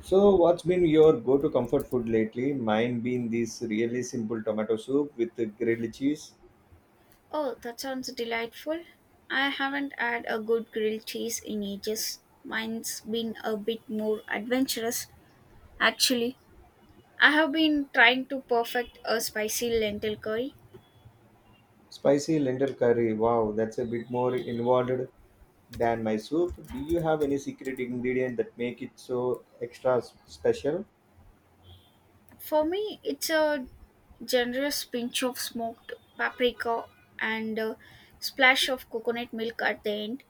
So, what's been your go-to comfort food lately? Mine been this really simple tomato soup with the grilled cheese, Oh, that sounds delightful. I haven't had a good grilled cheese in ages. Mine's been a bit more adventurous, actually. I have been trying to perfect a spicy lentil curry. spicy lentil curry. Wow, that's a bit more involved than my soup. Do you have any secret ingredient that make it so extra special? For me, it's a generous pinch of smoked paprika and a splash of coconut milk at the end.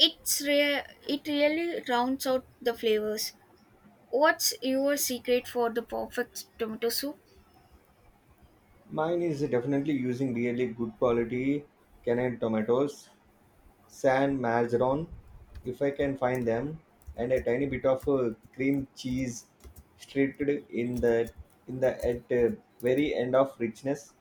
It really rounds out the flavors. What's your secret for the perfect tomato soup? Mine is definitely using really good quality Canadian tomatoes San Marzeron, if I can find them, and a tiny bit of cream cheese streaked in the at very end of richness.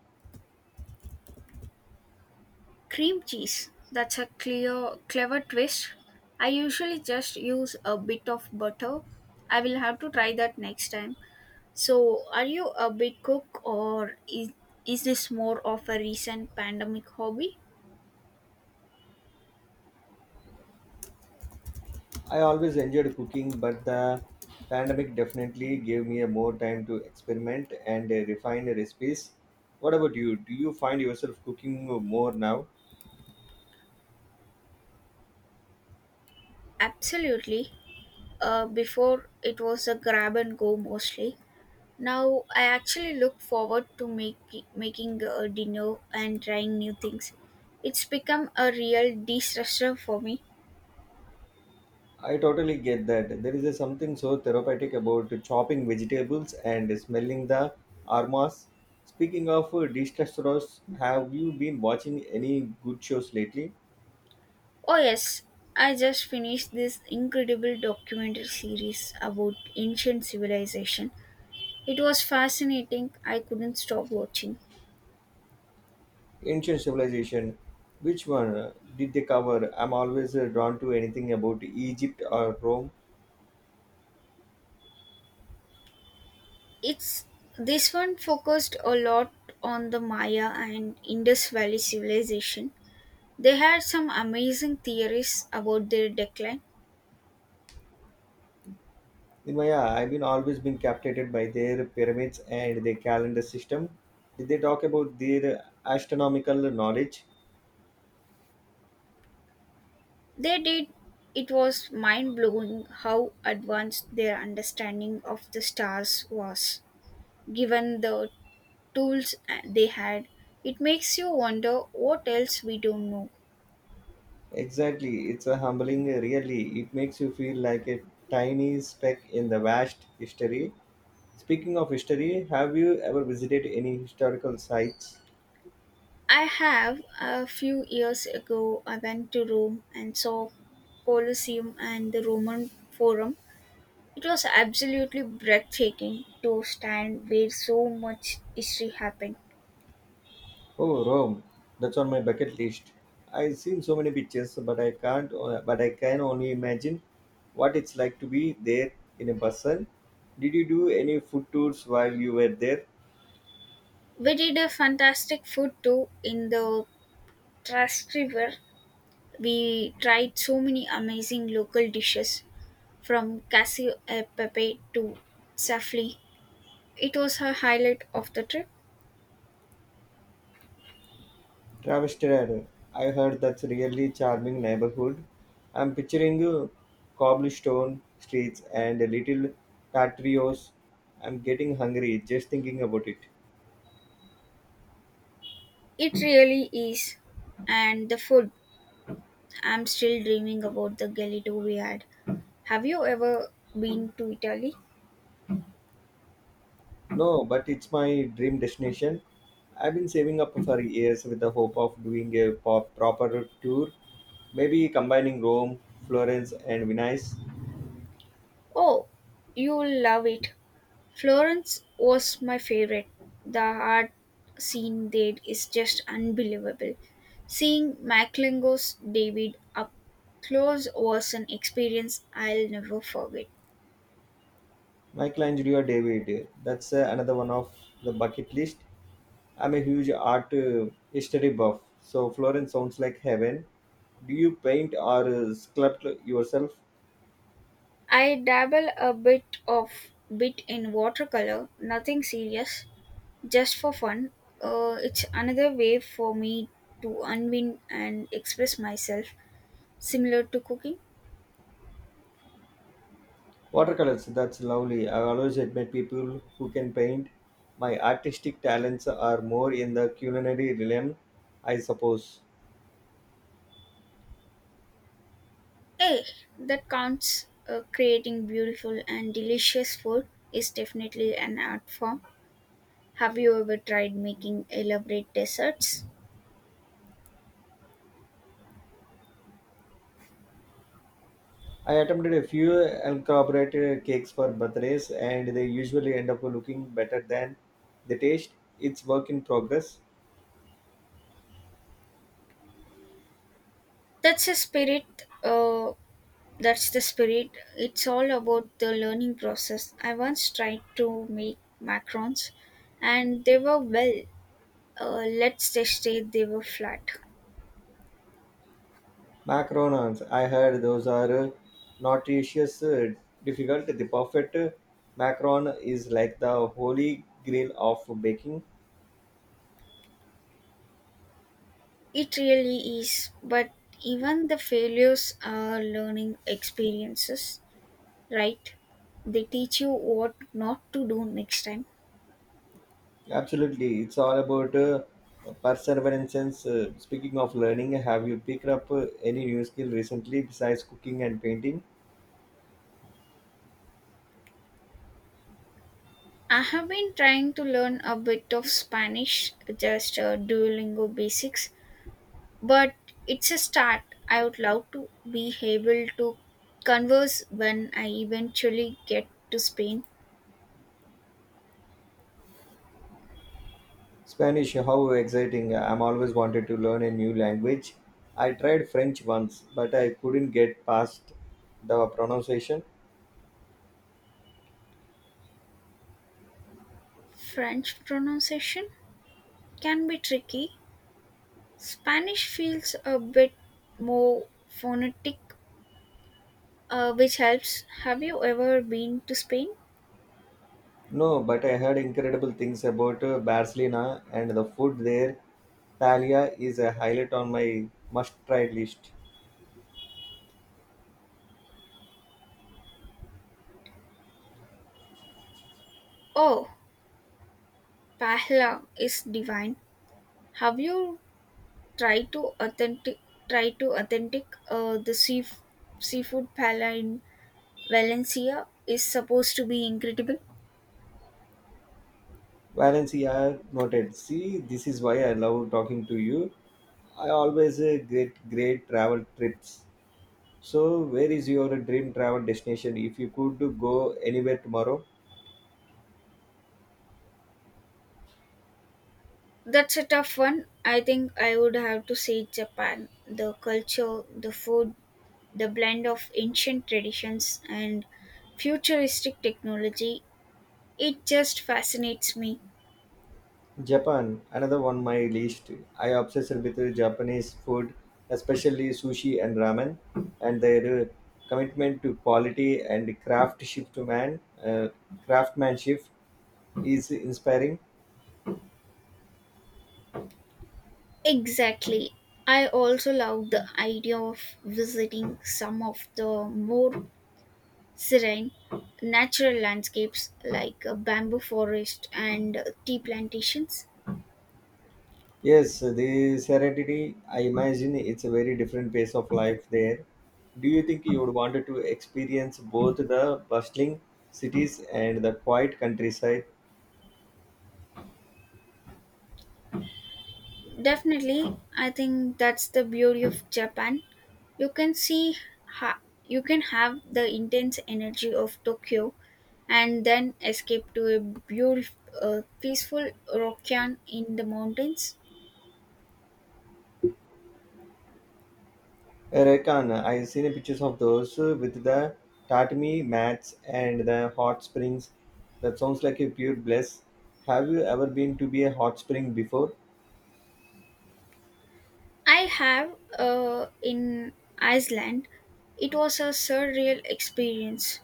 Cream cheese. That's a clear, clever twist. I usually just use a bit of butter. I will have to try that next time. So, are you a big cook or is this more of a recent pandemic hobby? I always enjoyed cooking, but the pandemic definitely gave me a more time to experiment and refine recipes. What about you? Do you find yourself cooking more now? Absolutely. Before it was a grab and go mostly. Now I actually look forward to making a dinner and trying new things. It's become a real de stressor for me. I totally get that. There is a something so therapeutic about chopping vegetables and smelling the aromas. Speaking of dish restaurants, have you been watching any good shows lately? Oh, yes, I just finished this incredible documentary series about ancient civilization. It was fascinating. I couldn't stop watching. Ancient civilization. Which one did they cover? I'm always drawn to anything about Egypt or Rome. It's this one focused a lot on the Maya and Indus Valley civilization. They had some amazing theories about their decline. In my I've been always been captivated by their pyramids and their calendar system. Did they talk about their astronomical knowledge? They did, it was mind blowing how advanced their understanding of the stars was, given the tools they had. It makes you wonder what else we don't know. Exactly, it's a humbling, really. It makes you feel like a tiny speck in the vast history. Speaking of history, have you ever visited any historical sites? I have a few years ago I went to Rome and saw Colosseum and the Roman Forum. It was absolutely breathtaking to stand where so much history happened. Oh, Rome. That's on my bucket list. I've seen so many pictures, but I can't. But I can only imagine what it's like to be there in a person. Did you do any food tours while you were there? We did a fantastic food tour in the Trastevere. We tried so many amazing local dishes from cashew e pepe to safli. It was her highlight of the trip. Travis, I heard that's really charming neighborhood. I'm picturing cobblestone streets and a little patios. I'm getting hungry just thinking about it. It really is. And the food. I'm still dreaming about the gelato we had. Have you ever been to Italy? No, but it's my dream destination. I've been saving up for years with the hope of doing a proper tour, maybe combining Rome, Florence, and Venice. Oh, you'll love it. Florence was my favorite. The art scene there is just unbelievable. Seeing Macklingo's David up close was an experience I'll never forget. Michelangelo David, that's another one of the bucket list. I'm a huge art history buff, so Florence sounds like heaven. Do you paint or sculpt yourself? I dabble a bit in watercolor, nothing serious, just for fun. It's another way for me to unwind and express myself, similar to cooking. Watercolors, that's lovely. I always admire people who can paint. My artistic talents are more in the culinary realm, I suppose. Hey, that counts. Creating beautiful and delicious food is definitely an art form. Have you ever tried making elaborate desserts? I attempted a few elaborated cakes for birthdays, and they usually end up looking better than the taste. It's work in progress. That's a spirit. Uh, that's the spirit. It's all about the learning process. I once tried to make macarons, and they were well. Let's just say they were flat. Macarons, I heard those are nutritious, difficult. The perfect macaron is like the holy grail of baking. It really is, but even the failures are learning experiences, right? They teach you what not to do next time. Absolutely, it's all about perseverance. Speaking of learning, have you picked up any new skill recently besides cooking and painting? I have been trying to learn a bit of Spanish, just Duolingo basics, but it's a start. I would love to be able to converse when I eventually get to Spain. Spanish, how exciting! I'm always wanted to learn a new language. I tried French once, but I couldn't get past the pronunciation. French pronunciation can be tricky. Spanish feels a bit more phonetic which helps. Have you ever been to Spain? No, but I heard incredible things about Barcelona and the food there. Talia is a highlight on my must try list. Oh, paella is divine. Have you tried to authentic try to authentic the sea, seafood paella in Valencia is supposed to be incredible. Valencia noted. See, this is why I love talking to you. I always great travel trips. So where is your dream travel destination? If you could go anywhere tomorrow, That's a tough one. I think I would have to say Japan. The culture, the food, the blend of ancient traditions and futuristic technology, it just fascinates me. Japan, another one my list. I obsessed with the Japanese food, especially sushi and ramen, and their commitment to quality and uh, craftsmanship is inspiring. Exactly. I also love the idea of visiting some of the more serene natural landscapes like a bamboo forest and tea plantations. Yes, the serenity. I imagine it's a very different pace of life there. Do you think you would wanted to experience both the bustling cities and the quiet countryside? Definitely, I think that's the beauty of Japan. You can see ha- you can have the intense energy of Tokyo and then escape to a beautiful peaceful Rokan in the mountains. Reckon I've seen pictures of those with the tatami mats and the hot springs. That sounds like a pure bliss. Have you ever been to be a hot spring before? I have in Iceland. It was a surreal experience,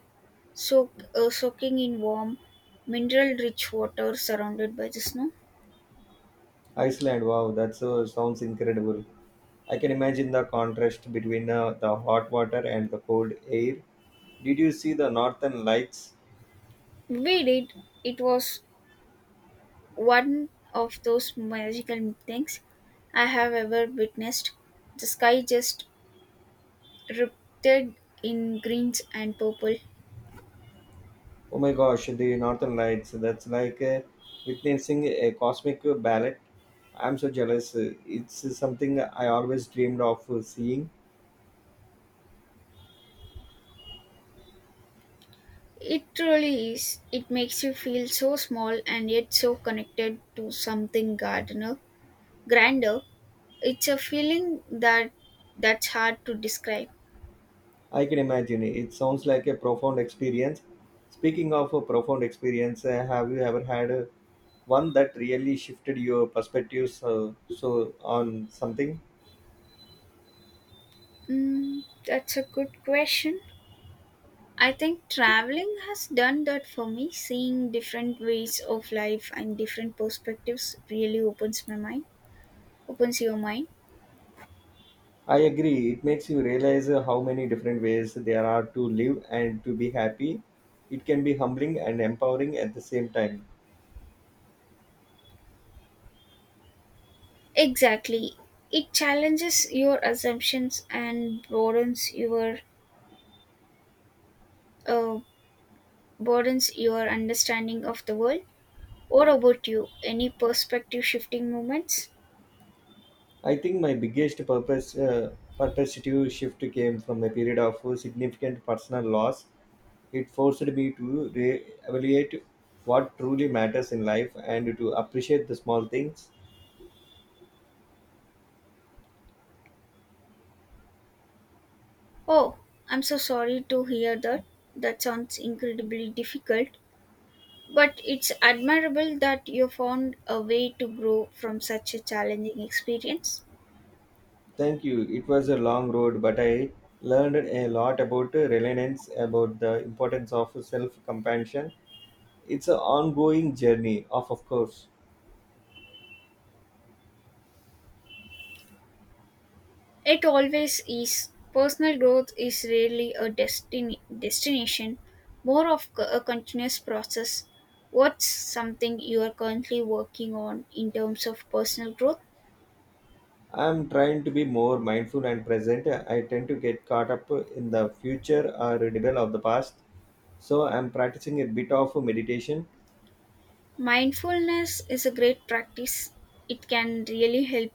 so soaking in warm, mineral-rich water surrounded by the snow. Iceland, wow, that sounds incredible. I can imagine the contrast between the hot water and the cold air. Did you see the northern lights? We did. It was one of those magical things I have ever witnessed. The sky just ripped in greens and purple. Oh my gosh, the Northern Lights. That's like witnessing a cosmic ballet. I'm so jealous. It's something I always dreamed of seeing. It truly is. It makes you feel so small and yet so connected to something grander. It's a feeling that's hard to describe. I can imagine. It sounds like a profound experience. Speaking of a profound experience, have you ever had one that really shifted your perspectives so on something? Mm, that's a good question. I think traveling has done that for me. Seeing different ways of life and different perspectives really opens your mind. I agree. It makes you realize how many different ways there are to live and to be happy. It can be humbling and empowering at the same time. Exactly. It challenges your assumptions and uh, broadens your understanding of the world. What about you? Any perspective shifting moments? I think my biggest purpose perspective shift came from a period of significant personal loss. It forced me to re-evaluate what truly matters in life and to appreciate the small things. Oh, I'm so sorry to hear that. That sounds incredibly difficult, but it's admirable that you found a way to grow from such a challenging experience. Thank you. It was a long road, but I learned a lot about reliance, about the importance of self-compassion. It's an ongoing journey, of course. It always is. Personal growth is rarely a destination, more of a continuous process. What's something you are currently working on in terms of personal growth? I'm trying to be more mindful and present. I tend to get caught up in the future or rebel of the past. So I'm practicing a bit of meditation. Mindfulness is a great practice. It can really help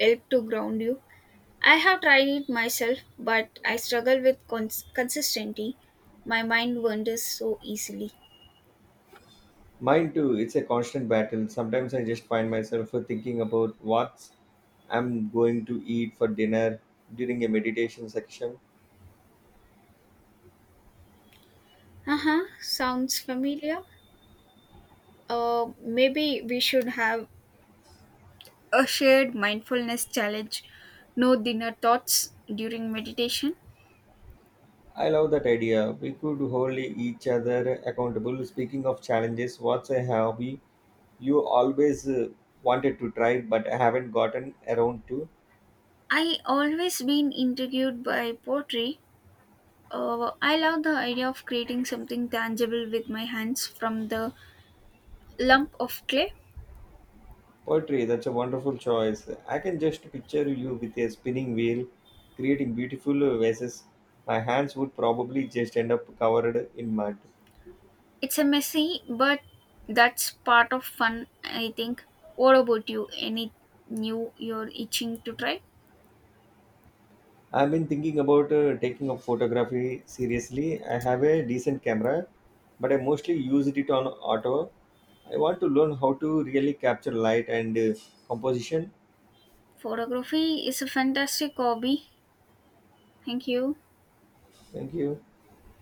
help to ground you. I have tried it myself, but I struggle with consistency. My mind wanders so easily. Mine too, it's a constant battle. Sometimes I just find myself thinking about what I'm going to eat for dinner during a meditation section. Uh huh, sounds familiar. Maybe we should have a shared mindfulness challenge, no dinner thoughts during meditation. I love that idea. We could hold each other accountable. Speaking of challenges, what's a hobby you always wanted to try but haven't gotten around to? I always been intrigued by pottery. I love the idea of creating something tangible with my hands from the lump of clay. Poetry, that's a wonderful choice. I can just picture you with a spinning wheel creating beautiful vases. My hands would probably just end up covered in mud. It's a messy, but that's part of fun, I think. What about you? Any new you're itching to try? I've been thinking about taking up photography seriously. I have a decent camera, but I mostly used it on auto. I want to learn how to really capture light and composition. Photography is a fantastic hobby. Thank you. Thank you.